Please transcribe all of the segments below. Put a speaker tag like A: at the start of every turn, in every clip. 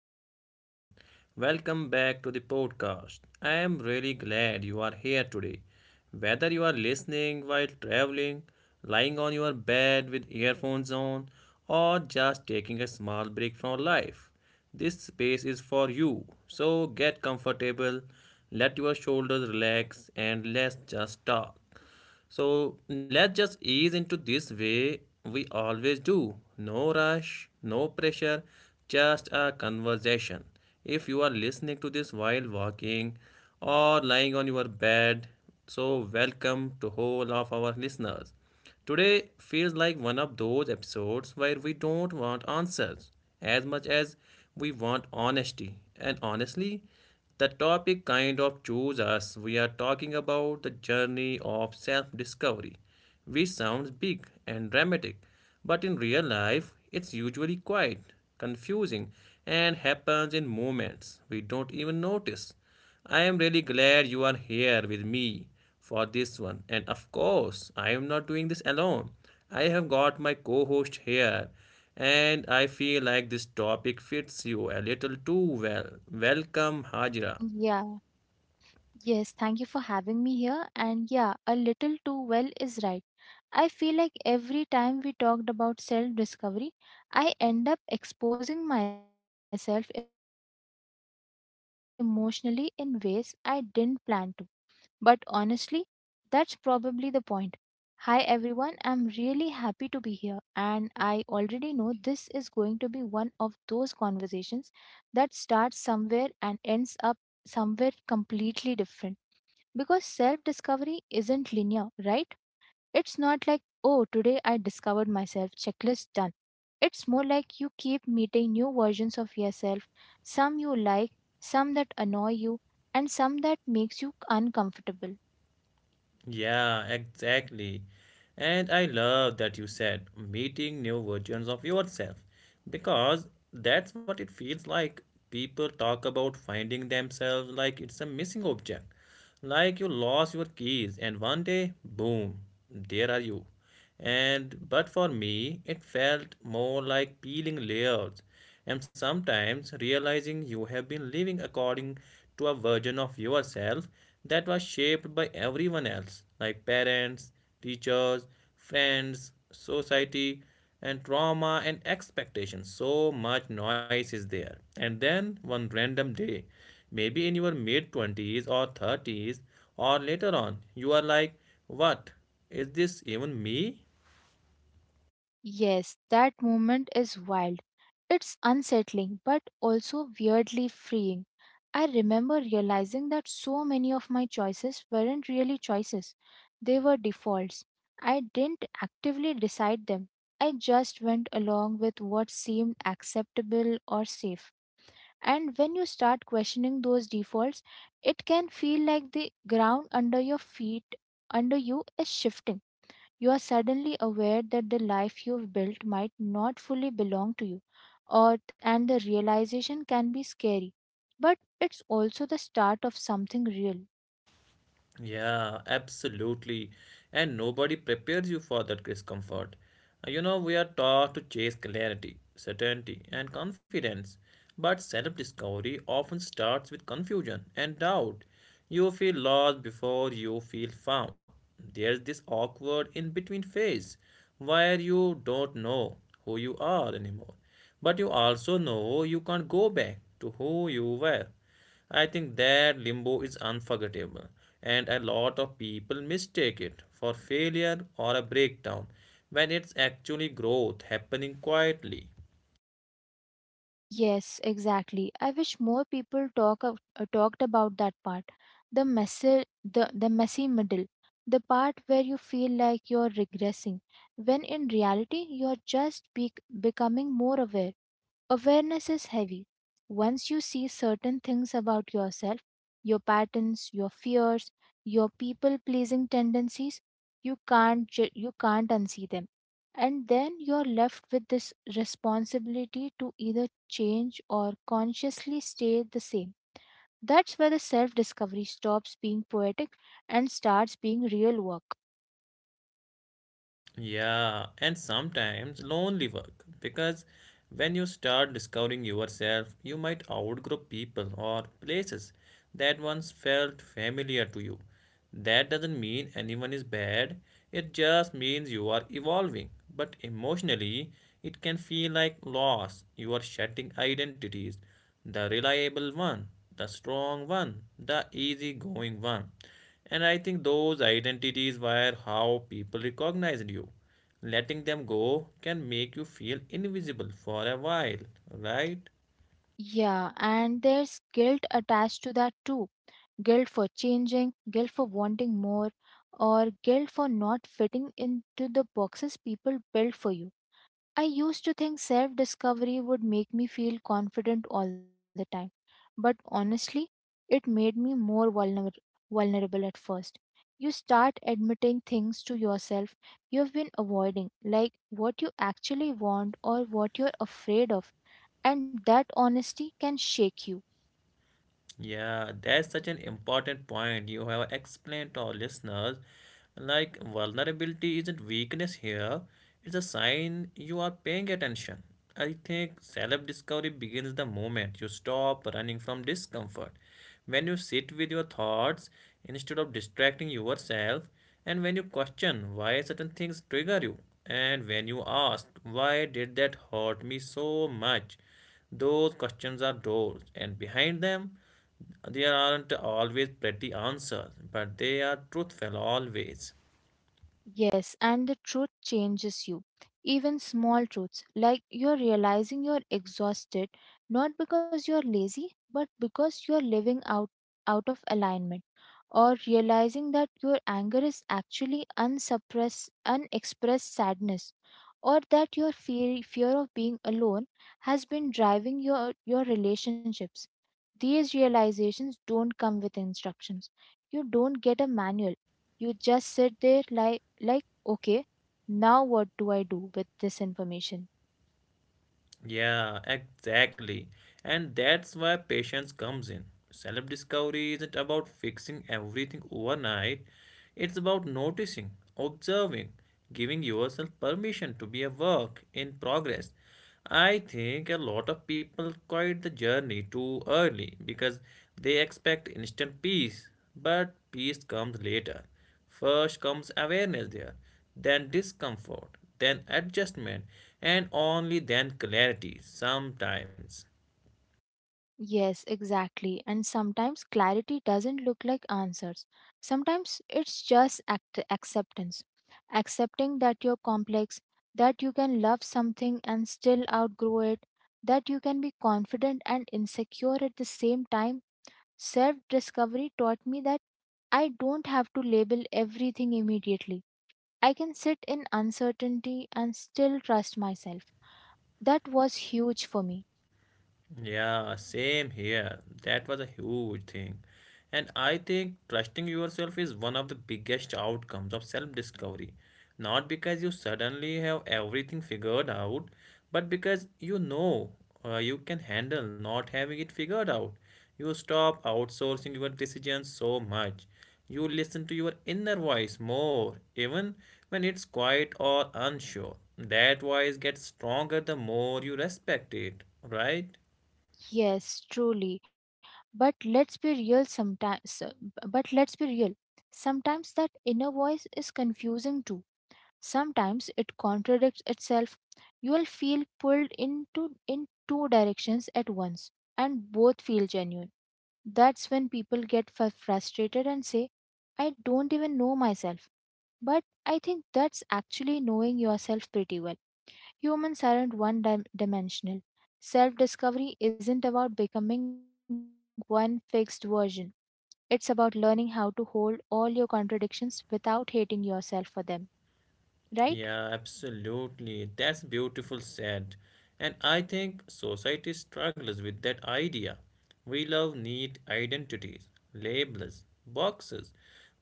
A: hello everyone. Welcome back to the podcast. I am really glad you are here today. Whether you are listening while traveling, lying on your bed with earphones on, or just taking a small break from life, this space is for you. So get comfortable, let your shoulders relax, and let's just talk. So let's just ease into this way we always do. No rush, no pressure, just a conversation. If you are listening to this while walking or lying on your bed, so welcome to all of our listeners. Today feels like one of those episodes where we don't want answers as much as we want honesty. And honestly, the topic kind of chooses us. We are talking about the journey of self discovery, which sounds big and dramatic, but in real life, it's usually quiet, confusing, and happens in moments we don't even notice. I am really glad you are here with me for this one. And of course, I am not doing this alone. I have got my co host here, and I feel like this topic fits you a little too well. Welcome, Hajra.
B: Yeah, yes, thank you for having me here. And yeah, a little too well is right. I feel like every time we talked about self discovery, I end up exposing myself emotionally in ways I didn't plan to. But honestly, that's probably the point. Hi everyone, I'm really happy to be here, and I already know this is going to be one of those conversations that starts somewhere and ends up somewhere completely different because self discovery isn't linear, right? It's not like, oh, today I discovered myself, checklist done. It's more like you keep meeting new versions of yourself, some you like, some that annoy you, and some that makes you uncomfortable.
A: Yeah, exactly. And I love that you said meeting new versions of yourself because that's what it feels like. People talk about finding themselves like it's a missing object, like you lost your keys and one day, boom, there are you. And but for me, it felt more like peeling layers and sometimes realizing you have been living according to a version of yourself that was shaped by everyone else, like parents, teachers, friends, society, and trauma and expectations. So much noise is there. And then one random day, maybe in your mid 20s or 30s, or later on, you are like, "What? Is this even me?"
B: Yes, that moment is wild. It's unsettling but also weirdly freeing. I remember realizing that so many of my choices weren't really choices, they were defaults. I didn't actively decide them, I just went along with what seemed acceptable or safe. And when you start questioning those defaults, it can feel like the ground under your feet under you is shifting. You are suddenly aware that the life you've built might not fully belong to you, or and the realization can be scary, but it's also the start of something real.
A: Yeah, absolutely. And nobody prepares you for that discomfort. You know, we are taught to chase clarity, certainty, and confidence. But self discovery often starts with confusion and doubt. You feel lost before you feel found. There's this awkward in between phase where you don't know who you are anymore. But you also know you can't go back to who you were. I think that limbo is unforgettable, and a lot of people mistake it for failure or a breakdown when it's actually growth happening quietly.
B: Yes, exactly. I wish more people talked about that part, the messy, the messy middle, the part where you feel like you're regressing when in reality you're just becoming more aware. Awareness is heavy. Once you see certain things about yourself, your patterns, your fears, your people pleasing tendencies, you can't you can't unsee them. And then you're left with this responsibility to either change or consciously stay the same. That's where the self discovery stops being poetic and starts being real work.
A: Yeah, and sometimes lonely work because when you start discovering yourself, you might outgrow people or places that once felt familiar to you. That doesn't mean anyone is bad, it just means you are evolving. But emotionally, it can feel like loss, you are shedding identities the reliable one, the strong one, the easygoing one. And I think those identities were how people recognized you. Letting them go can make you feel invisible for a while, right?
B: Yeah, and there's guilt attached to that too, guilt for changing, guilt for wanting more, or guilt for not fitting into the boxes people built for you. I used to think self discovery would make me feel confident all the time, but honestly, it made me more vulnerable at first. You start admitting things to yourself you have been avoiding, like what you actually want or what you're afraid of, and that honesty can shake you.
A: Yeah, that's such an important point you have explained to our listeners. Like, vulnerability isn't weakness here, it's a sign you are paying attention. I think self discovery begins the moment you stop running from discomfort. When you sit with your thoughts instead of distracting yourself, and when you question why certain things trigger you, and when you ask, why did that hurt me so much? Those questions are doors, and behind them, there aren't always pretty answers, but they are truthful always.
B: Yes, and the truth changes you. Even small truths, like you're realizing you're exhausted, not because you're lazy, but because you're living out of alignment, or realizing that your anger is actually unexpressed sadness, or that your fear of being alone has been driving your relationships. These realizations don't come with instructions. You don't get a manual. You just sit there like, okay, now what do I do with this information?
A: Yeah, exactly. And that's why patience comes in. Self discovery isn't about fixing everything overnight, it's about noticing, observing, giving yourself permission to be a work in progress. I think a lot of people quit the journey too early because they expect instant peace, but peace comes later. First comes awareness there, then discomfort, then adjustment, and only then clarity sometimes.
B: Yes, exactly. And sometimes clarity doesn't look like answers. Sometimes it's just acceptance. Accepting that you're complex, that you can love something and still outgrow it, that you can be confident and insecure at the same time. Self discovery taught me that I don't have to label everything immediately. I can sit in uncertainty and still trust myself. That was huge for me.
A: Yeah, same here. That was a huge thing. And I think trusting yourself is one of the biggest outcomes of self discovery. Not because you suddenly have everything figured out, but because you know you can handle not having it figured out. You stop outsourcing your decisions so much. You listen to your inner voice more, even when it's quiet or unsure. That voice gets stronger the more you respect it, right?
B: Yes, truly. But let's be real sometimes. But let's be real. Sometimes that inner voice is confusing too. Sometimes it contradicts itself. You will feel pulled into in two directions at once and both feel genuine. That's when people get frustrated and say, I don't even know myself. But I think that's actually knowing yourself pretty well. Humans aren't one dimensional. Self discovery isn't about becoming one fixed version, it's about learning how to hold all your contradictions without hating yourself for them, right?
A: Yeah, absolutely. That's beautiful said. And I think society struggles with that idea. We love neat identities, labels, boxes.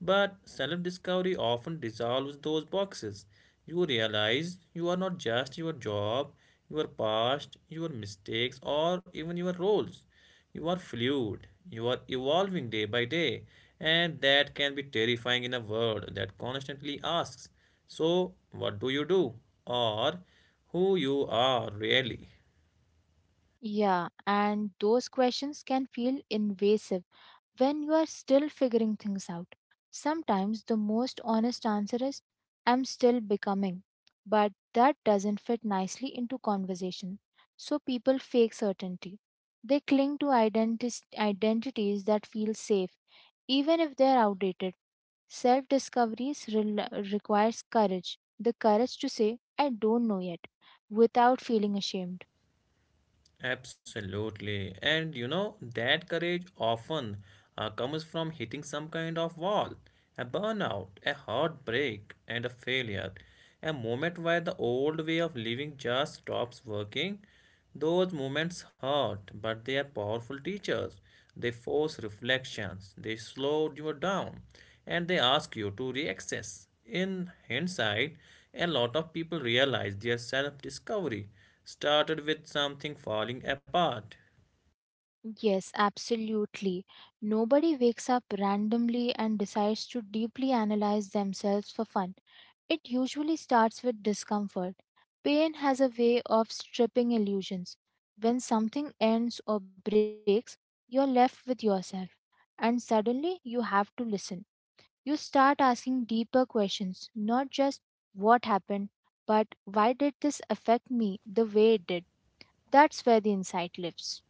A: But self discovery often dissolves those boxes. You realize you are not just your job, your past, your mistakes, or even your roles. You are fluid, you are evolving day by day, and that can be terrifying in a world that constantly asks, "So, what do you do?" or "Who you are really?"
B: Yeah, and those questions can feel invasive when you are still figuring things out. Sometimes the most honest answer is, I'm still becoming. But that doesn't fit nicely into conversation. So people fake certainty. They cling to identities that feel safe, even if they're outdated. Self discovery requires courage, the courage to say, I don't know yet, without feeling ashamed.
A: Absolutely. And you know, that courage often comes from hitting some kind of wall, a burnout, a heartbreak, and a failure. A moment where the old way of living just stops working. Those moments hurt, but they are powerful teachers. They force reflections, they slow you down, and they ask you to reaccess. In hindsight, a lot of people realize their self discovery started with something falling apart.
B: Yes, absolutely. Nobody wakes up randomly and decides to deeply analyze themselves for fun. It usually starts with discomfort. Pain has a way of stripping illusions. When something ends or breaks, you're left with yourself. And suddenly you have to listen. You start asking deeper questions, not just what happened, but why did this affect me the way it did? That's where the insight lives.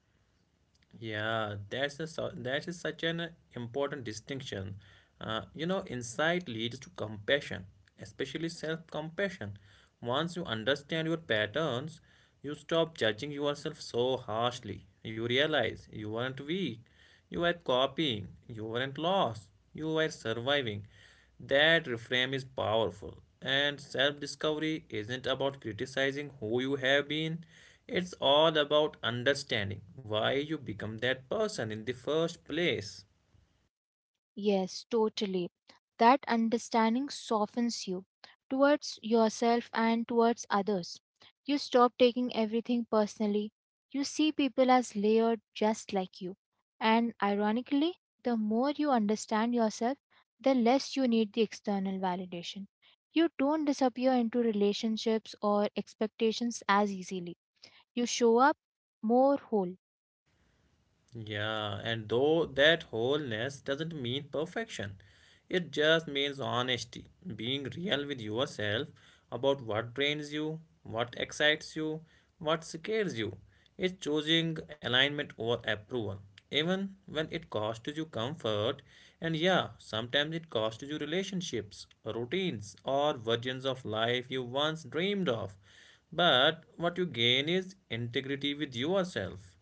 A: Yeah, that is such an important distinction. You know, insight leads to compassion, especially self compassion. Once you understand your patterns, you stop judging yourself so harshly. You realize you weren't weak, you were copying. You weren't lost, you were surviving. That reframe is powerful, and self discovery isn't about criticizing who you have been, it's all about understanding why you become that person in the first place.
B: Yes, totally. That understanding softens you towards yourself and towards others. You stop taking everything personally. You see people as layered just like you. And ironically, the more you understand yourself, the less you need the external validation. You don't disappear into relationships or expectations as easily. You show up more whole.
A: Yeah, and though that wholeness doesn't mean perfection, it just means honesty, being real with yourself about what drains you, what excites you, what scares you. It's choosing alignment over approval, even when it costs you comfort. And yeah, sometimes it costs you relationships, routines, or versions of life you once dreamed of. But what you gain is integrity with yourself.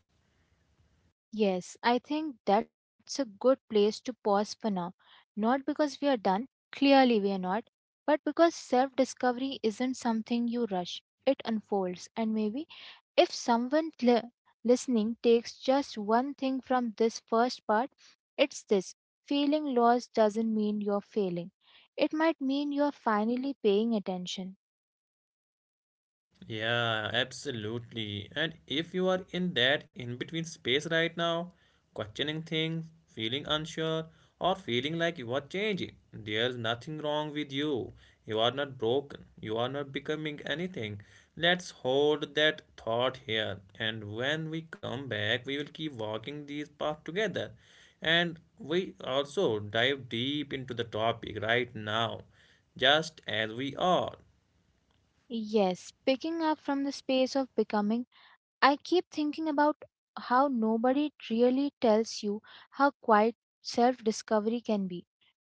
B: Yes, I think that's a good place to pause for now. Not because we are done, clearly we are not, but because self discovery isn't something you rush. It unfolds, and maybe if someone listening takes just one thing from this first part, it's this: feeling lost doesn't mean you're failing. It might mean you're finally paying attention.
A: Yeah, absolutely. And if you are in that in between space right now, questioning things, feeling unsure, or feeling like you are changing, there's nothing wrong with you. You are not broken. You are not becoming anything. Let's hold that thought here. And when we come back, we will keep walking these paths together. And we also dive deep into the topic right now just as we are.
B: Yes, picking up from the space of becoming, I keep thinking about how nobody really tells you how quiet self discovery can be.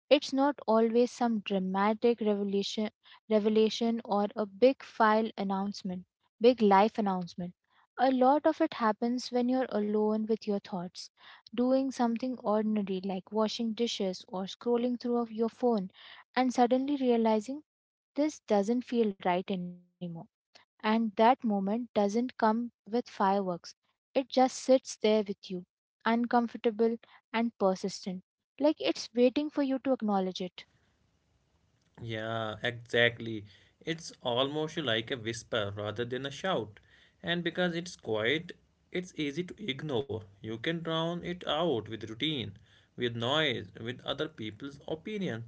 B: It's not always some dramatic revelation or a big life announcement. A lot of it happens when you're alone with your thoughts, doing something ordinary like washing dishes or scrolling through of your phone and suddenly realizing this doesn't feel right anymore. And that moment doesn't come with fireworks. It just sits there with you, uncomfortable and persistent, like it's waiting for you to acknowledge it.
A: Yeah, exactly. It's almost like a whisper rather than a shout. And because it's quiet, it's easy to ignore. You can drown it out with routine, with noise, with other people's opinion.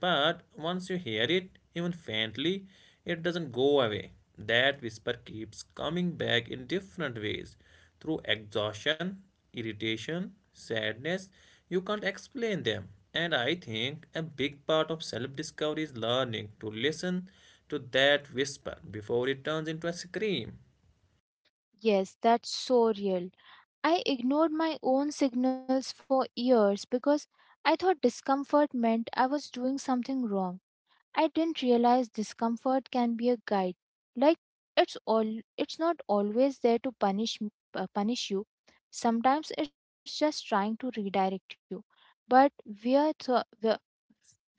A: But once you hear it, even faintly, it doesn't go away. That whisper keeps coming back in different ways through exhaustion, irritation, sadness, you can't explain them. And I think a big part of self discovery is learning to listen to that whisper before it turns into a scream.
B: Yes, that's so real. I ignored my own signals for years because I thought discomfort meant I was doing something wrong. I didn't realize discomfort can be a guide. Like it's not always there to punish you. Sometimes it's just trying to redirect you. But we are th-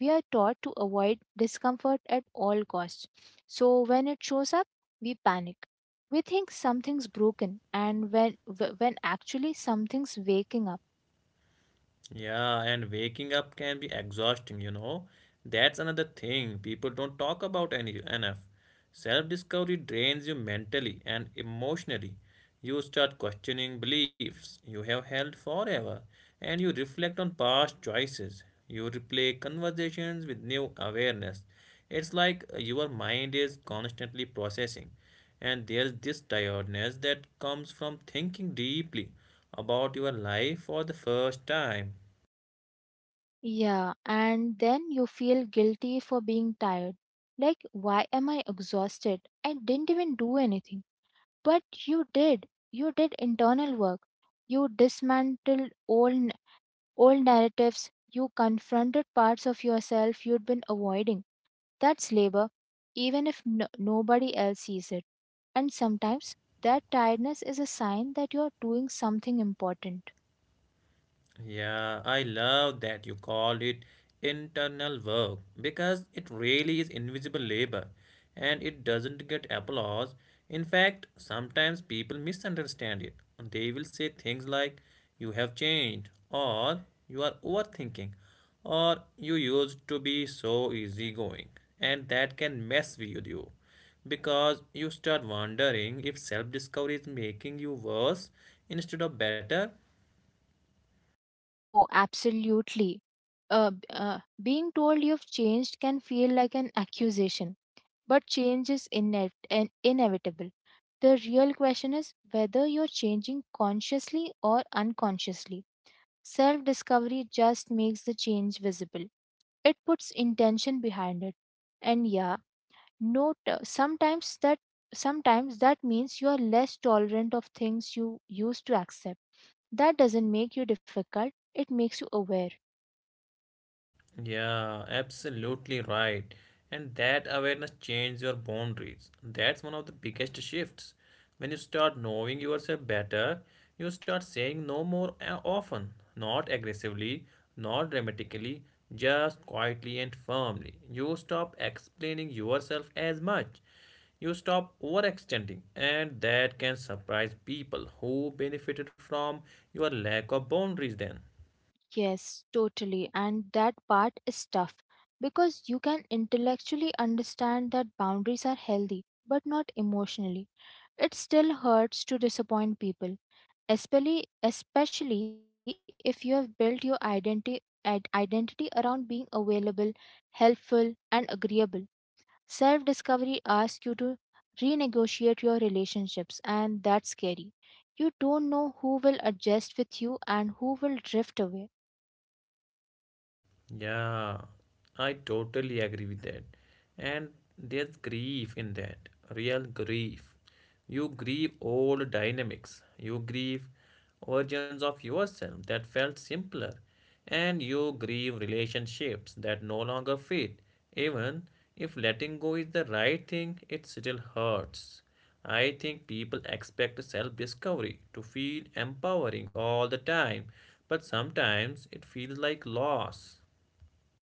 B: we are taught to avoid discomfort at all costs. So when it shows up, we panic. We think something's broken and when actually something's waking up.
A: Yeah, and waking up can be exhausting, you know. That's another thing people don't talk about any enough. Self-discovery drains you mentally and emotionally. You start questioning beliefs you have held forever, and you reflect on past choices. You replay conversations with new awareness. It's like your mind is constantly processing, and there's this tiredness that comes from thinking deeply about your life for the first time.
B: Yeah, and then you feel guilty for being tired. Like, why am I exhausted? I didn't even do anything. But you did. You did internal work. You dismantled old narratives. You confronted parts of yourself you'd been avoiding. That's labor, even if nobody else sees it. And sometimes that tiredness is a sign that you're doing something important.
A: Yeah, I love that you called it internal work because it really is invisible labor and it doesn't get applause. In fact, sometimes people misunderstand it. They will say things like, "You have changed," or "You are overthinking," or "You used to be so easygoing," and that can mess with you because you start wondering if self discovery is making you worse instead of better.
B: Oh, absolutely. Being told you've changed can feel like an accusation, but change is inev- and inevitable. The real question is whether you're changing consciously or unconsciously. Self discovery just makes the change visible, it puts intention behind it. And yeah, note sometimes that means you're less tolerant of things you used to accept. That doesn't make you difficult, it makes you aware.
A: Yeah, absolutely right. And that awareness changes your boundaries. That's one of the biggest shifts. When you start knowing yourself better, you start saying no more often, not aggressively, not dramatically, just quietly and firmly. You stop explaining yourself as much. You stop overextending, and that can surprise people who benefited from your lack of boundaries then.
B: Yes, totally. And that part is tough because you can intellectually understand that boundaries are healthy, but not emotionally. It still hurts to disappoint people, especially if you have built your identity around being available, helpful, and agreeable. Self-discovery asks you to renegotiate your relationships, and that's scary. You don't know who will adjust with you and who will drift away.
A: Yeah, I totally agree with that. And there's grief in that, real grief. You grieve old dynamics, you grieve versions of yourself that felt simpler, and you grieve relationships that no longer fit. Even if letting go is the right thing, it still hurts. I think people expect self discovery to feel empowering all the time, but sometimes it feels like loss.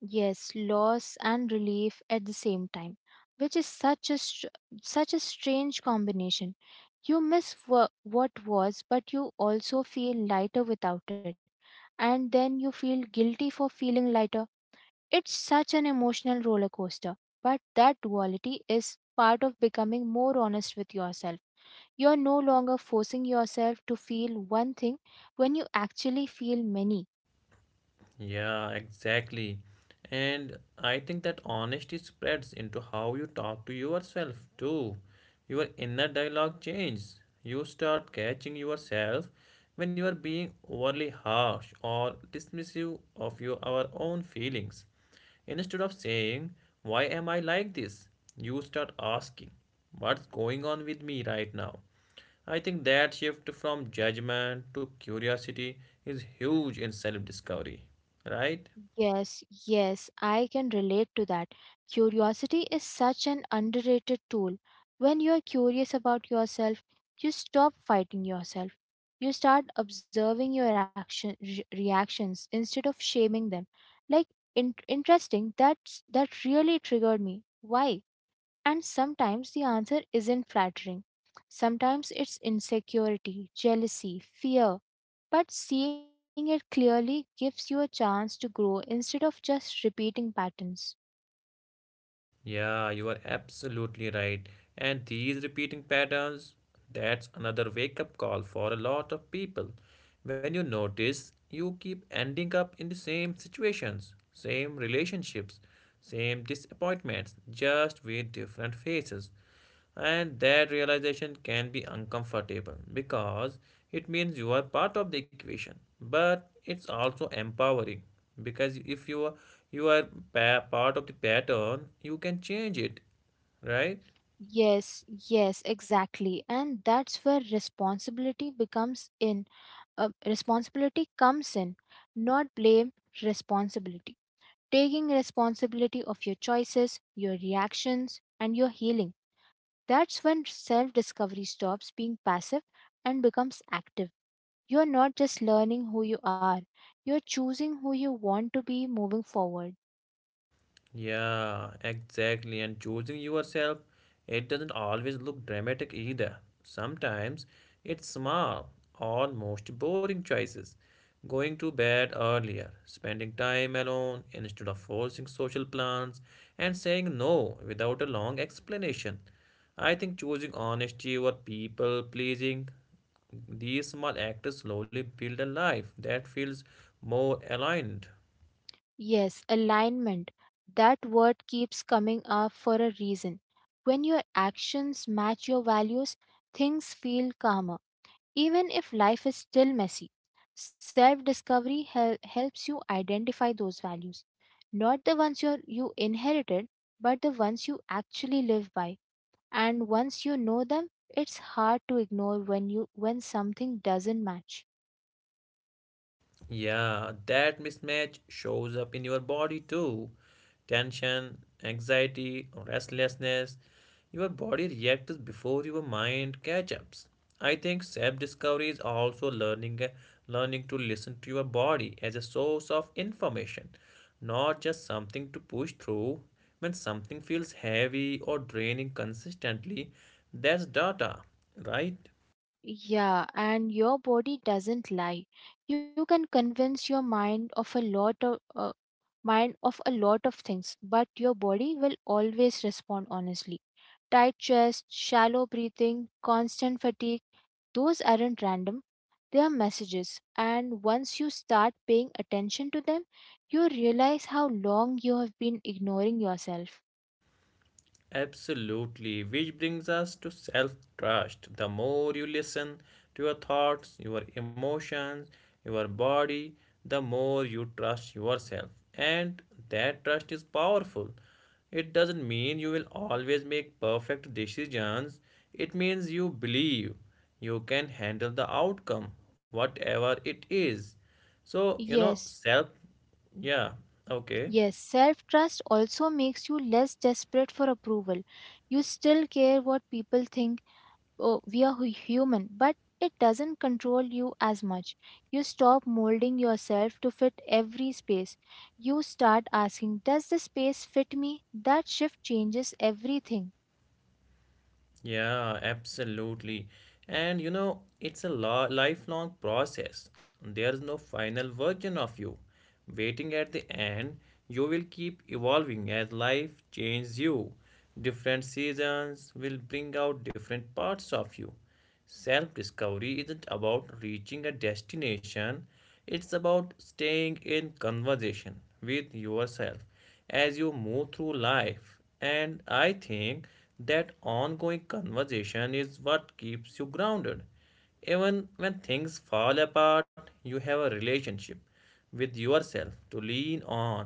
B: Yes, loss and relief at the same time, which is such a such a strange combination. You miss what was, but you also feel lighter without it, and then you feel guilty for feeling lighter. It's such an emotional roller coaster, but that duality is part of becoming more honest with yourself. You're no longer forcing yourself to feel one thing when you actually feel many.
A: Yeah, exactly. And I think that honesty spreads into how you talk to yourself too. Your inner dialogue changes. You start catching yourself when you are being overly harsh or dismissive of your our own feelings. Instead of saying, "Why am I like this?" you start asking, "What's going on with me right now?" I think that shift from judgment to curiosity is huge in self discovery, right?
B: Yes, yes, I can relate to that. Curiosity is such an underrated tool. When you are curious about yourself, you stop fighting yourself. You start observing your reactions instead of shaming them. Like, interesting, that's that really triggered me. Why? And sometimes the answer isn't flattering. Sometimes it's insecurity, jealousy, fear, but seeing it clearly gives you a chance to grow instead of just repeating patterns.
A: Yeah, you are absolutely right. And these repeating patterns, that's another wake up call for a lot of people. When you notice, you keep ending up in the same situations, same relationships, same disappointments, just with different faces. And that realization can be uncomfortable because it means you are part of the equation. But it's also empowering because if you are you are part of the pattern, you can change it, right?
B: Yes, yes, exactly. And that's where responsibility becomes in. Responsibility comes in, not blame, responsibility. Taking responsibility of your choices, your reactions, and your healing. That's when self discovery stops being passive and becomes active. You're not just learning who you are, you're choosing who you want to be moving forward.
A: Yeah, exactly. And choosing yourself, it doesn't always look dramatic either. Sometimes it's small, almost boring choices. Going to bed earlier, spending time alone instead of forcing social plans, and saying no without a long explanation. I think choosing honesty over people pleasing, these small acts slowly build a life that feels more aligned.
B: Yes, alignment. That word keeps coming up for a reason. When your actions match your values, things feel calmer, even if life is still messy. Self discovery helps you identify those values, not the ones you inherited, but the ones you actually live by. And once you know them, it's hard to ignore when something doesn't match.
A: Yeah, that mismatch shows up in your body too. Tension, anxiety, restlessness. Your body reacts before your mind catch ups. I think self-discovery is also learning learning to listen to your body as a source of information, not just something to push through. When something feels heavy or draining consistently, that's data, right?
B: Yeah, and your body doesn't lie. You can convince your mind of a lot of things, but your body will always respond honestly. Tight chest, shallow breathing, constant fatigue, those aren't random. They are messages, and once you start paying attention to them, you realize how long you have been ignoring yourself.
A: Absolutely, which brings us to self trust. The more you listen to your thoughts, your emotions, your body, the more you trust yourself. And that trust is powerful. It doesn't mean you will always make perfect decisions, it means you believe you can handle the outcome, whatever it is. So, you know,
B: Yes,
A: self, yeah, okay.
B: Yes, self trust also makes you less desperate for approval. You still care what people think. Oh, we are human, but it doesn't control you as much. You stop molding yourself to fit every space. You start asking, does this space fit me? That shift changes everything.
A: Yeah, absolutely. And you know, lifelong process. There's no final version of you waiting at the end. You will keep evolving as life changes you. Different seasons will bring out different parts of you. Self discovery isn't about reaching a destination, it's about staying in conversation with yourself as you move through life. And I think that ongoing conversation is what keeps you grounded. Even when things fall apart, you have a relationship with yourself to lean on.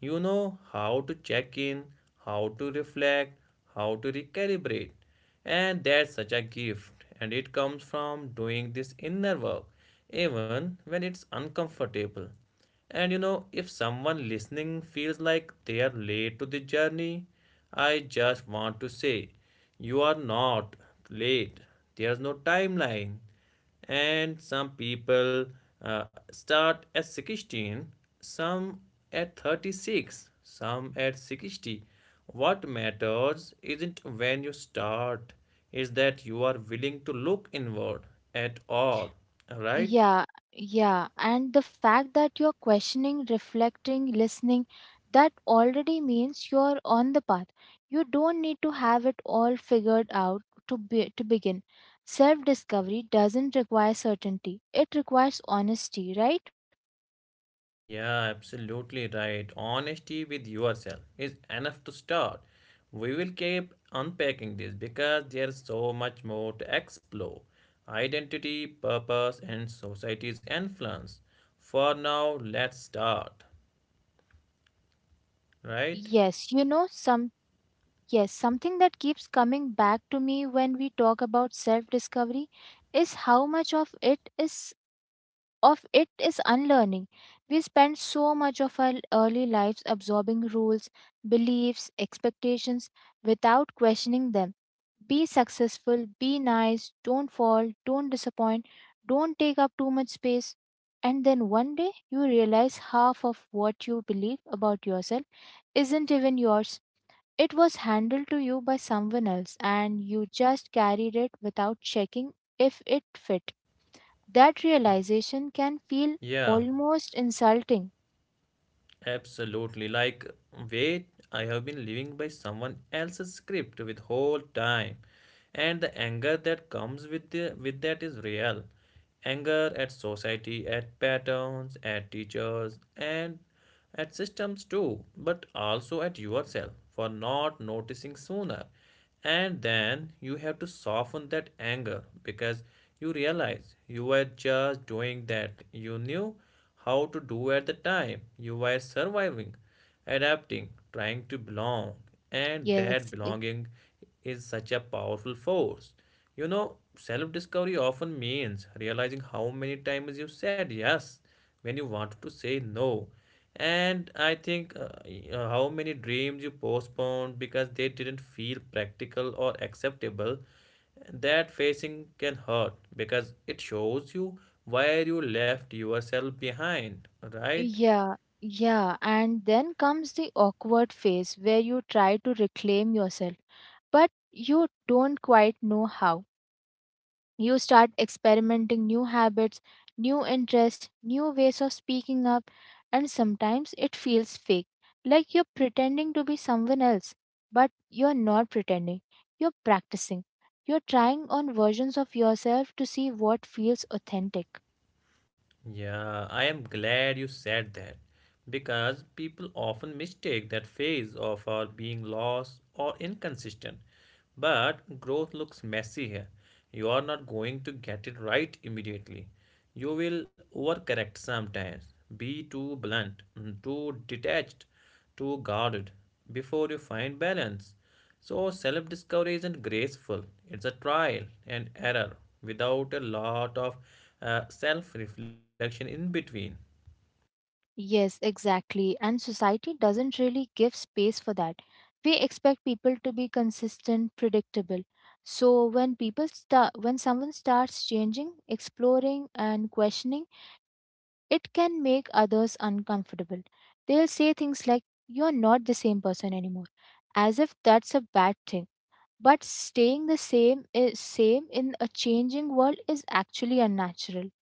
A: You know how to check in, how to reflect, how to recalibrate. And that's such a gift, and it comes from doing this inner work, even when it's uncomfortable. And you know, if someone listening feels like they are late to the journey, I just want to say, you are not late. There's no timeline. And some people start at 16, some at 36, some at 60. What matters isn't when you start, is that you are willing to look inward at all, right?
B: Yeah, yeah. And the fact that you're questioning, reflecting, listening, that already means you're on the path. You don't need to have it all figured out to begin. Self-discovery doesn't require certainty. It requires honesty, right?
A: Yeah, absolutely right. Honesty with yourself is enough to start. We will keep unpacking this because there's so much more to explore: identity, purpose, and society's influence. For now, let's start, right?
B: Yes, you know some yes, something that keeps coming back to me when we talk about self-discovery is how much of it is unlearning. We spend so much of our early lives absorbing rules, beliefs, expectations without questioning them. Be successful, be nice, don't fall, don't disappoint, don't take up too much space. And then one day you realize half of what you believe about yourself isn't even yours. It was handed to you by someone else, and you just carried it without checking if it fit. That realization can
A: Yeah,
B: feel almost insulting.
A: absolutely. Like, wait, I have been living by someone else's script with whole time. And the anger that comes with with that is real, anger at society, at patterns, at teachers and at systems too, but also at yourself for not noticing sooner. And then you have to soften that anger because you realize you were just doing that you knew how to do at the time. You were surviving, adapting, trying to belong. And that
B: Yes, e-
A: belonging is such a powerful force. You know, self discovery often means realizing how many times you said yes when you wanted to say no. And I think how many dreams you postponed because they didn't feel practical or acceptable. That facing can hurt because it shows you where you left yourself behind, right?
B: yeah, yeah. And then comes the awkward phase where you try to reclaim yourself, but you don't quite know how. You start experimenting new habits, new interests, new ways of speaking up, and sometimes it feels fake, like you're pretending to be someone else, but you're not pretending, you're practicing. You're trying on versions of yourself to see what feels authentic.
A: Yeah, I am glad you said that because people often mistake that phase of our being lost or inconsistent. But growth looks messy here. You are not going to get it right immediately. You will overcorrect sometimes, be too blunt, too detached, too guarded before you find balance. So, self discovery isn't graceful, it's a trial and error without a lot of self reflection in between.
B: Yes, exactly. And society doesn't really give space for that. We expect people to be consistent, predictable. So when someone starts changing, exploring, and questioning, it can make others uncomfortable. They'll say things like, you're not the same person anymore, as if that's a bad thing. But staying the same is same in a changing world is actually unnatural.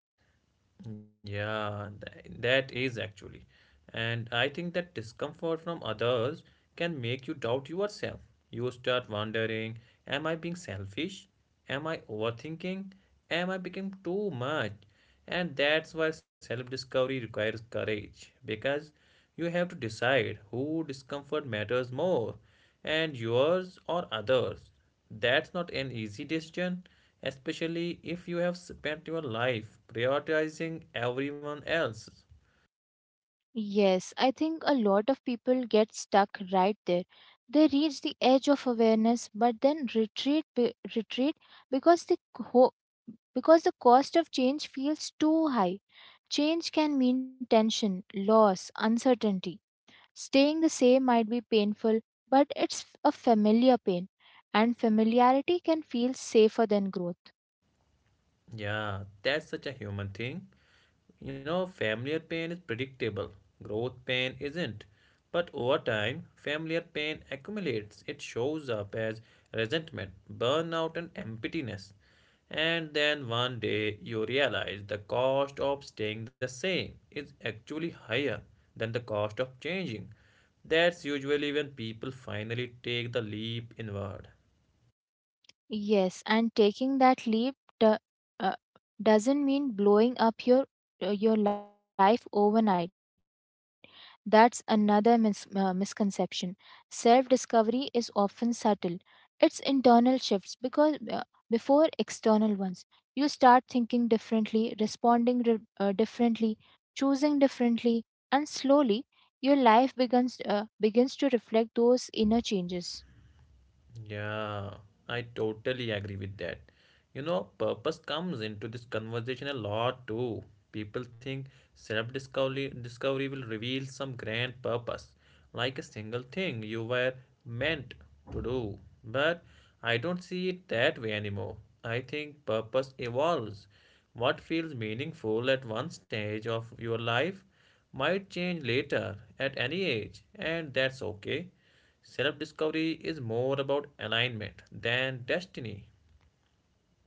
A: Yeah, that is actually. And I think that discomfort from others can make you doubt yourself. You start wondering, am I being selfish? Am I overthinking? Am I becoming too much? And that's why self discovery requires courage, because you have to decide who discomfort matters more, and yours or others. That's not an easy decision, especially if you have spent your life prioritizing everyone else.
B: Yes, I think a lot of people get stuck right there. They reach the edge of awareness but then retreat because because the cost of change feels too high. Change can mean tension, loss, uncertainty. Staying the same might be painful, but it's a familiar pain, and familiarity can feel safer than growth.
A: Yeah, that's such a human thing. You know, familiar pain is predictable, growth pain isn't. But over time, familiar pain accumulates. It shows up as resentment, burnout, and emptiness. And then one day you realize the cost of staying the same is actually higher than the cost of changing. That's usually when people finally take the leap inward.
B: Yes, and taking that leap do- uh, doesn't mean blowing up your life overnight. That's another misconception. Self discovery is often subtle. It's internal shifts because before external ones. You start thinking differently, responding differently, choosing differently, and slowly your life begins to reflect those inner changes.
A: Yeah, I totally agree with that. You know, purpose comes into this conversation a lot too. People think self-discovery discovery will reveal some grand purpose, like a single thing you were meant to do. But I don't see it that way anymore. I think purpose evolves. What feels meaningful at one stage of your life might change later at any age, and that's okay. Self discovery is more about alignment than destiny.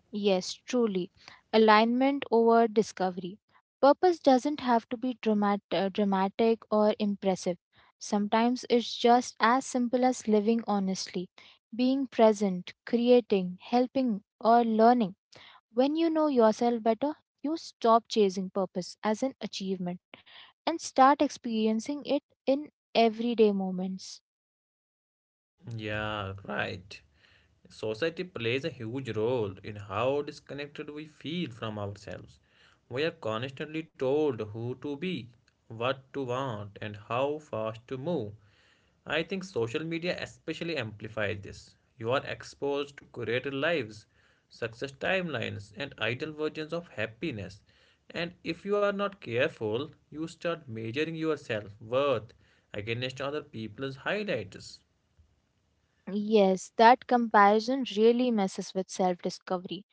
B: Yes, truly. Alignment over discovery. Purpose doesn't have to be dramatic or impressive. Sometimes it's just as simple as living honestly, being present, creating, helping, or learning. When you know yourself better, you stop chasing purpose as an achievement and start experiencing it in everyday moments.
A: Yeah, right. Society plays a huge role in how disconnected we feel from ourselves. We are constantly told who to be, what to want, and how fast to move. I think social media especially amplifies this. You are exposed to curated lives, success timelines, and ideal versions of happiness. And if you are not careful, you start measuring your self worth against other people's highlights.
B: Yes, that comparison really messes with self discovery.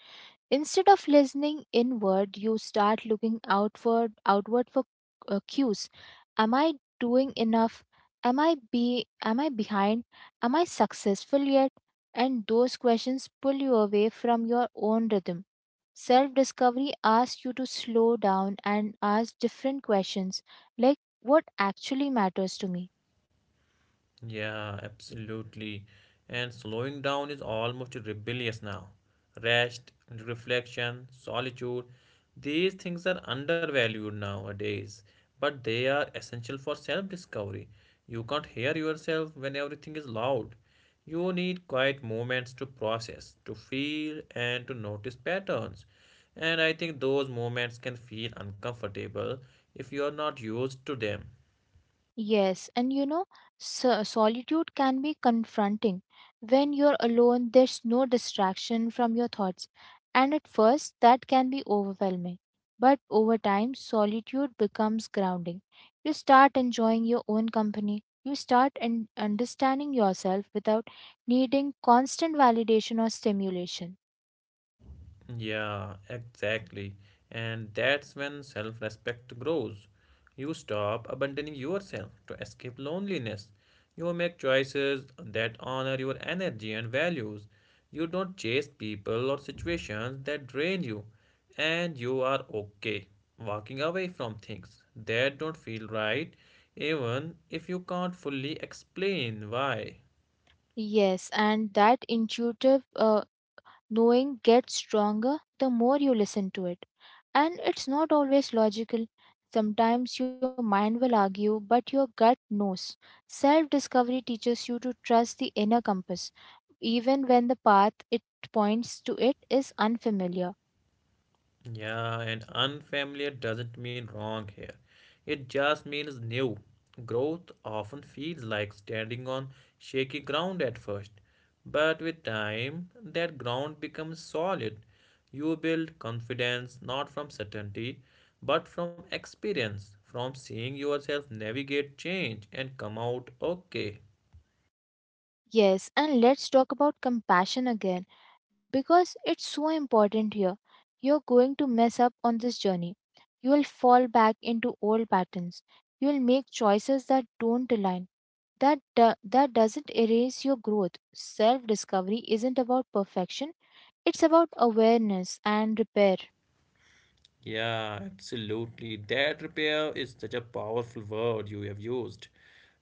B: Instead of listening inward, you start looking outward for cues. Am I doing enough? Am I behind? Am I successful yet? And those questions pull you away from your own rhythm. Self discovery asks you to slow down and ask different questions like, what actually matters to me?
A: Yeah, absolutely. And slowing down is almost rebellious now. Rest, reflection, solitude, these things are undervalued nowadays, but they are essential for self discovery. You can't hear yourself when everything is loud. You need quiet moments to process, to feel, and to notice patterns. And I think those moments can feel uncomfortable if you are not used to them.
B: Yes, and you know, so solitude can be confronting. When you're alone, there's no distraction from your thoughts, and at first, that can be overwhelming. But over time, solitude becomes grounding. You start enjoying your own company. You start understanding yourself without needing constant validation or stimulation.
A: Yeah, exactly. And that's when self respect grows. You stop abandoning yourself to escape loneliness. You make choices that honor your energy and values. You don't chase people or situations that drain you. And you are okay walking away from things that don't feel right, even if you can't fully explain why.
B: Yes, and that intuitive knowing gets stronger the more you listen to it. And it's not always logical. Sometimes your mind will argue, but your gut knows. Self discovery teaches you to trust the inner compass, even when the path it points to it is unfamiliar.
A: Yeah, and unfamiliar doesn't mean wrong here. It just means new. Growth often feels like standing on shaky ground at first, but with time, that ground becomes solid. You build confidence not from certainty, but from experience, from seeing yourself navigate change and come out okay.
B: Yes, and let's talk about compassion again because it's so important here. You're going to mess up on this journey. You will fall back into old patterns. You will make choices that don't align. That doesn't erase your growth. Self-discovery isn't about perfection. It's about awareness and repair.
A: Yeah, absolutely. That repair is such a powerful word you have used.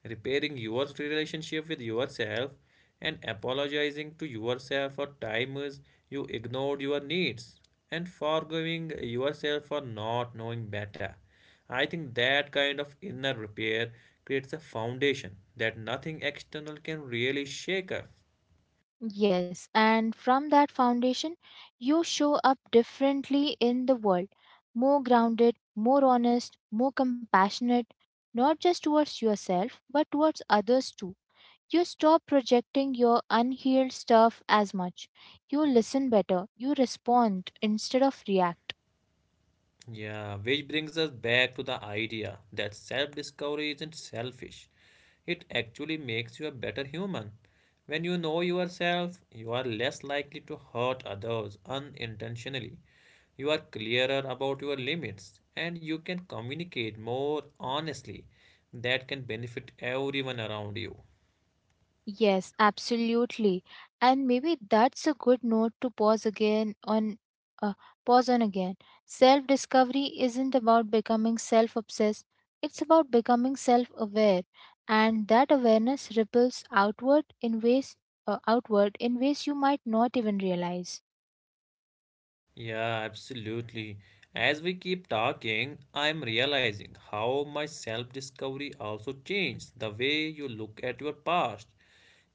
A: Repairing your relationship with yourself and apologizing to yourself for times you ignored your needs and forgiving yourself for not knowing better. I think that kind of inner repair creates a foundation that nothing external can really shake up.
B: Yes, and from that foundation, you show up differently in the world, more grounded, more honest, more compassionate, not just towards yourself, but towards others too. You stop projecting your unhealed stuff as much. You listen better, you respond instead of react.
A: Yeah, which brings us back to the idea that self discovery isn't selfish. It actually makes you a better human. When you know yourself, you are less likely to hurt others unintentionally. You are clearer about your limits and you can communicate more honestly. That can benefit everyone around you.
B: Yes, absolutely. And maybe that's a good note to pause again on uh, pause on again. Self-discovery isn't about becoming self-obsessed. It's about becoming self-aware, and that awareness ripples outward in ways you might not even realize.
A: Yeah, absolutely. As we keep talking, I'm realizing how my self-discovery also changed the way you look at your past.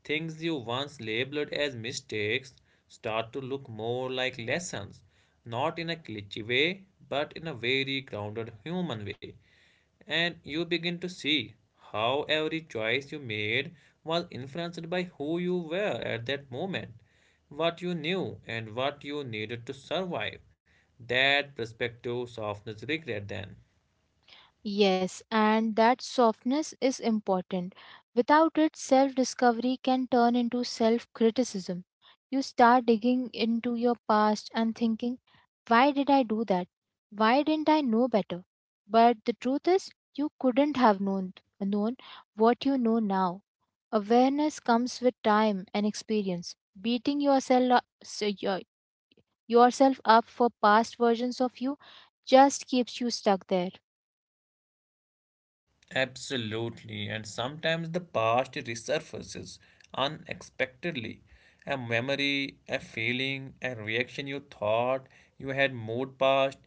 A: Things you once labeled as mistakes start to look more like lessons, not in a cliché way, but in a very grounded human way. And you begin to see how every choice you made was influenced by who you were at that moment, what you knew and what you needed to survive. That perspective softens regret then.
B: Yes, and that softness is important. Without it, self discovery can turn into self criticism. You start digging into your past and thinking, why did I do that? Why didn't I know better? But the truth is, you couldn't have known what you know now. Awareness comes with time and experience. Beating yourself up for past versions of you just keeps you stuck there.
A: Absolutely, and sometimes the past resurfaces unexpectedly. A memory, a feeling, a reaction you thought you had moved past,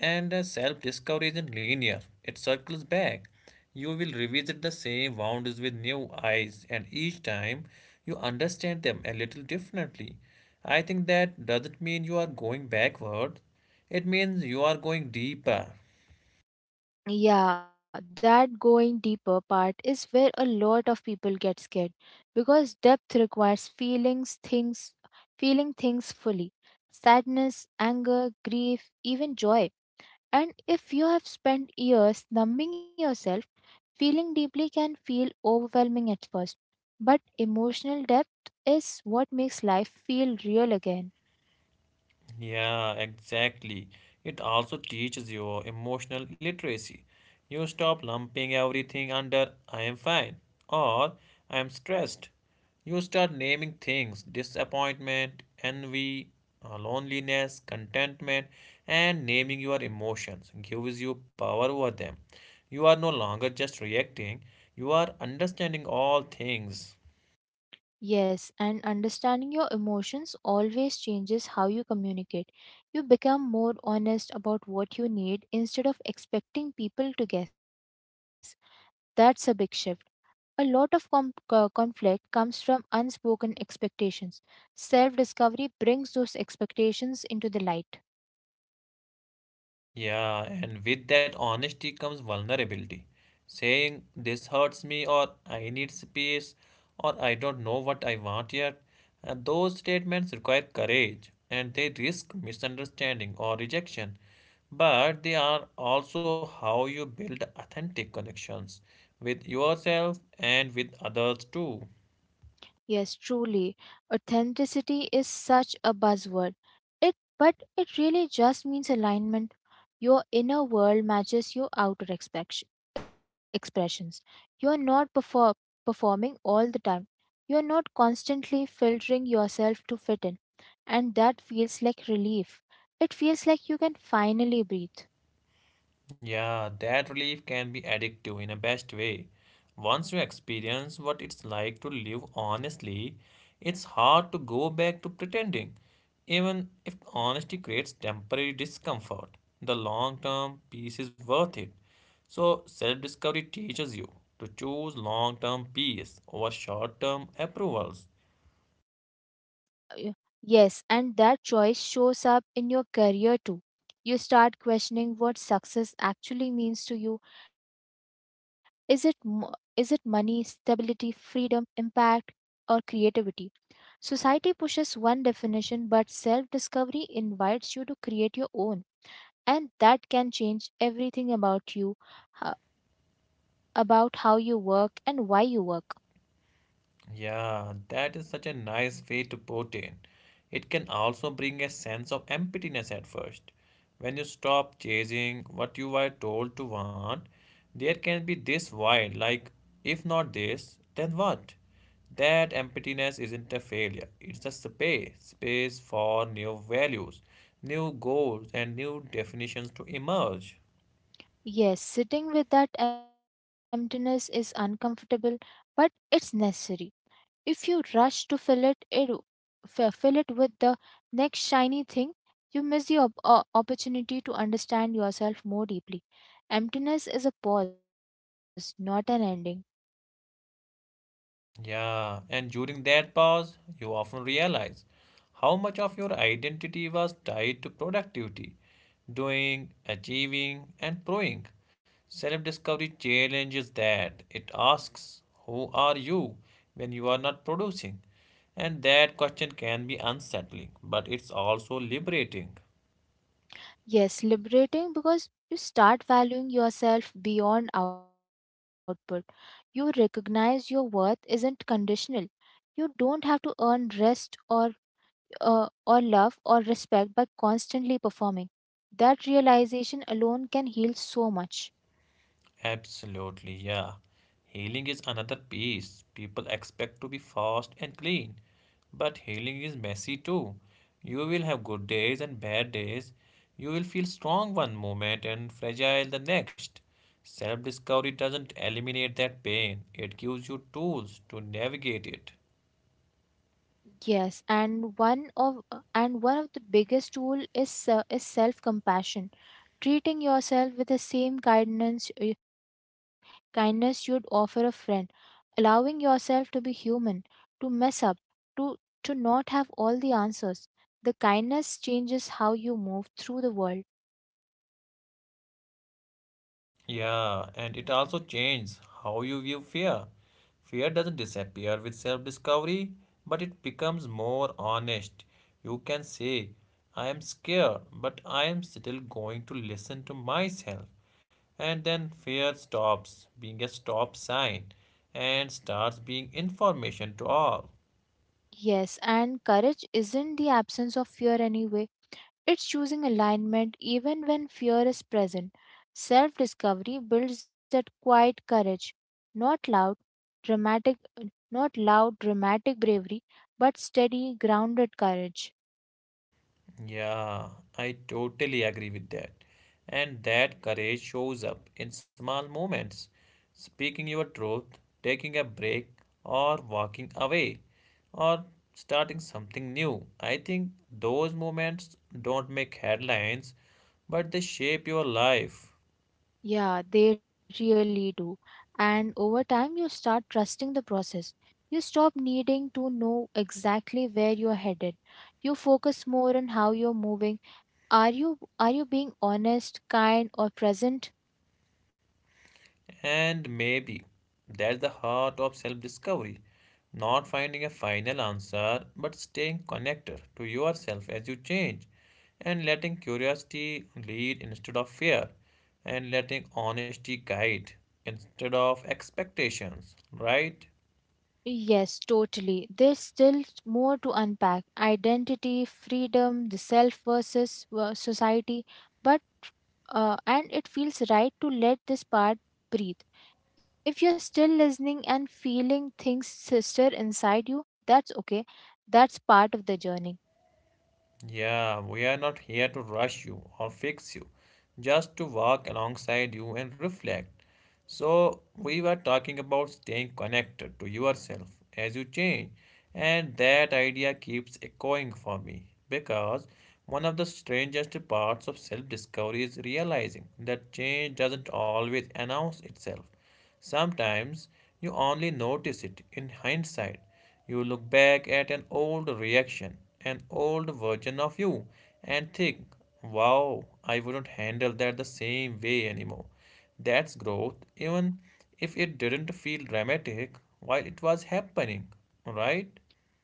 A: and self discovery isn't linear, it circles back. You will revisit the same wounds with new eyes, and each time you understand them a little differently. I think that doesn't mean you are going backward, it means you are going deeper.
B: Yeah, that going deeper part is where a lot of people get scared because depth requires feeling things fully. Sadness, anger, grief, even joy. And if you have spent years numbing yourself, feeling deeply can feel overwhelming at first. But emotional depth is what makes life feel real again.
A: Yeah, exactly. It also teaches you emotional literacy. You stop lumping everything under I am fine or I am stressed. You start naming things: disappointment, envy, loneliness, contentment, and naming your emotions gives you power over them. You are no longer just reacting, you are understanding all things.
B: Yes, and understanding your emotions always changes how you communicate. You become more honest about what you need instead of expecting people to guess. That's a big shift. A lot of conflict comes from unspoken expectations. Self discovery brings those expectations into the light.
A: Yeah, and with that honesty comes vulnerability. Saying this hurts me, or I need space, or I don't know what I want yet. And those statements require courage and they risk misunderstanding or rejection. But they are also how you build authentic connections with yourself and with others too.
B: Yes, truly. Authenticity is such a buzzword. It really just means alignment. Your inner world matches your expressions. You're not performing all the time. You're not constantly filtering yourself to fit in, and that feels like relief. It feels like you can finally breathe.
A: Yeah, that relief can be addictive in a best way. Once you experience what it's like to live honestly, it's hard to go back to pretending. Even if honesty creates temporary discomfort, the long term peace is worth it. So, self discovery teaches you to choose long term peace over short term approvals.
B: Yes, y- yes, and that choice shows up in your career too. You start questioning what success actually means to you. Is it money, stability, freedom, impact, or creativity? Society pushes one definition, but self-discovery invites you to create your own, and that can change everything about you, ho- about how you work and why you work.
A: Yeah, that is such a nice way to put it. It can also bring a sense of emptiness at first. When you stop chasing what you were told to want, there can be this void like, if not this, then what? That emptiness isn't a failure, it's a space, space for new values, new goals, and new definitions to emerge.
B: Yes, sitting with that emptiness is uncomfortable, but it's necessary. If you rush to fill it, fill it with the next shiny thing, you miss the opportunity to understand yourself more deeply. Emptiness is a pause, not an ending.
A: Yeah, and during that pause, you often realize how much of your identity was tied to productivity, doing, achieving, and proving. Self discovery challenges that. It asks, who are you when you are not producing? And that question can be unsettling, but it's also liberating.
B: Yes, liberating because you start valuing yourself beyond output. You recognize your worth isn't conditional. You don't have to earn rest or love or respect by constantly performing. That realization alone can heal so much.
A: Absolutely, yeah. Healing is another piece. People expect to be fast and clean, but healing is messy too. You will have good days and bad days. You will feel strong one moment and fragile the next. Self discovery doesn't eliminate that pain, it gives you tools to navigate it.
B: Yes, and one of the biggest tool is self compassion. Treating yourself with the same kindness you'd offer a friend, allowing yourself to be human, to mess up, to to not have all the answers. The kindness changes how you move through the world.
A: Yeah, and it also changes how you view fear. Fear doesn't disappear with self discovery, but it becomes more honest. You can say, I am scared, but I am still going to listen to myself. And then fear stops being a stop sign and starts being information to all.
B: Yes, and courage isn't the absence of fear anyway. It's choosing alignment even when fear is present. Self discovery builds that quiet courage, not loud, dramatic, not loud, dramatic bravery, but steady, grounded courage.
A: Yeah, I totally agree with that. And that courage shows up in small moments, speaking your truth, taking a break, or walking away, or starting something new. I think those moments don't make headlines, but they shape your life.
B: Yeah, they really do. And over time, you start trusting the process. You stop needing to know exactly where you're headed. You focus more on how you're moving. Are you being honest, kind, or present?
A: And maybe that's the heart of self discovery, not finding a final answer, but staying connected to yourself as you change, and letting curiosity lead instead of fear, and letting honesty guide instead of expectations, right?
B: Yes, totally. There's still more to unpack identity, freedom, the self versus society, but and it feels right to let this part breathe. If you're still listening and feeling things stir inside you, that's okay. That's part of the journey.
A: Yeah, we are not here to rush you or fix you, just to walk alongside you and reflect. So, we were talking about staying connected to yourself as you change, and that idea keeps echoing for me because one of the strangest parts of self discovery is realizing that change doesn't always announce itself. Sometimes you only notice it in hindsight. You look back at an old reaction, an old version of you, and think, wow, I wouldn't handle that the same way anymore. That's growth, even if it didn't feel dramatic while it was happening, right?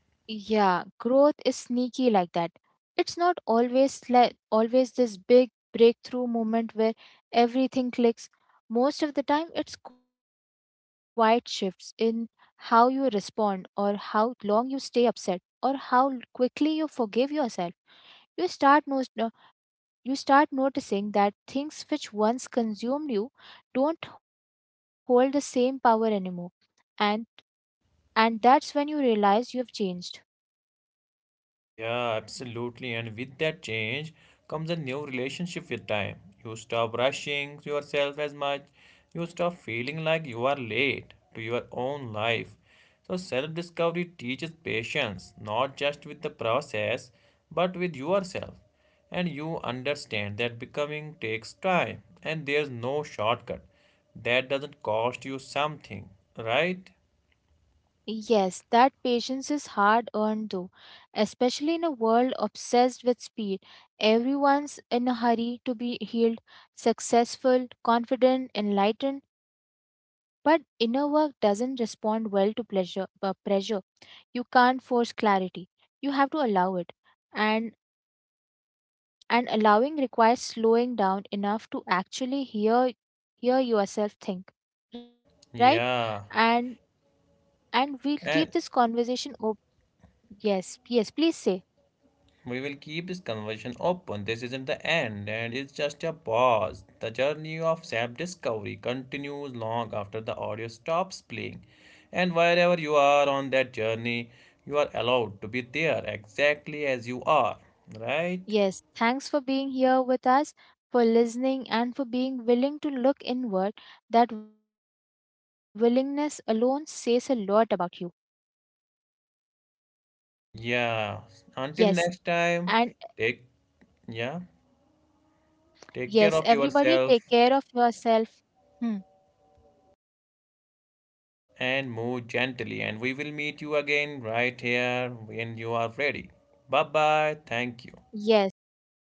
B: Yeah, growth is sneaky like that. It's not always like always this big breakthrough moment where everything clicks. Most of the time, it's quiet shifts in how you respond, or how long you stay upset, or how quickly you forgive yourself. You start most, uh, you start noticing that things which once consumed you don't hold the same power anymore, and that's when you realize you have changed.
A: Yeah, absolutely. And with that change comes a new relationship with time. You stop rushing yourself as much. You stop feeling like you are late to your own life. So, self discovery teaches patience, not just with the process, but with yourself. And you understand that becoming takes time and there's no shortcut. That doesn't cost you something, right?
B: Yes, that patience is hard earned though, especially in a world obsessed with speed. Everyone's in a hurry to be healed, successful, confident, enlightened, but inner work doesn't respond well to pressure. You can't force clarity. You have to allow it. And and allowing requires slowing down enough to actually hear yourself think, right? And
A: Yeah.
B: we'll keep this
A: And
B: conversation. Yes, please say.
A: we will keep this conversation open. This isn't the end, and it's just a pause. The journey of self discovery continues long after the audio stops playing. And wherever you are on that journey, you are allowed to be there exactly as you are, right?
B: Yes, thanks for being here with us, for listening, and for being willing to look inward. That willingness alone says a lot about you. Yes,
A: Yeah. Until next
B: and
A: time, take yeah,
B: yes,
A: take care of
B: everybody take care
A: yourself
B: of yourself. Hmm.
A: and move gently. And we will meet you again right here when you are ready. Bye bye.
B: Yes,
A: Thank
B: of
A: you.
B: course. Bye, everyone.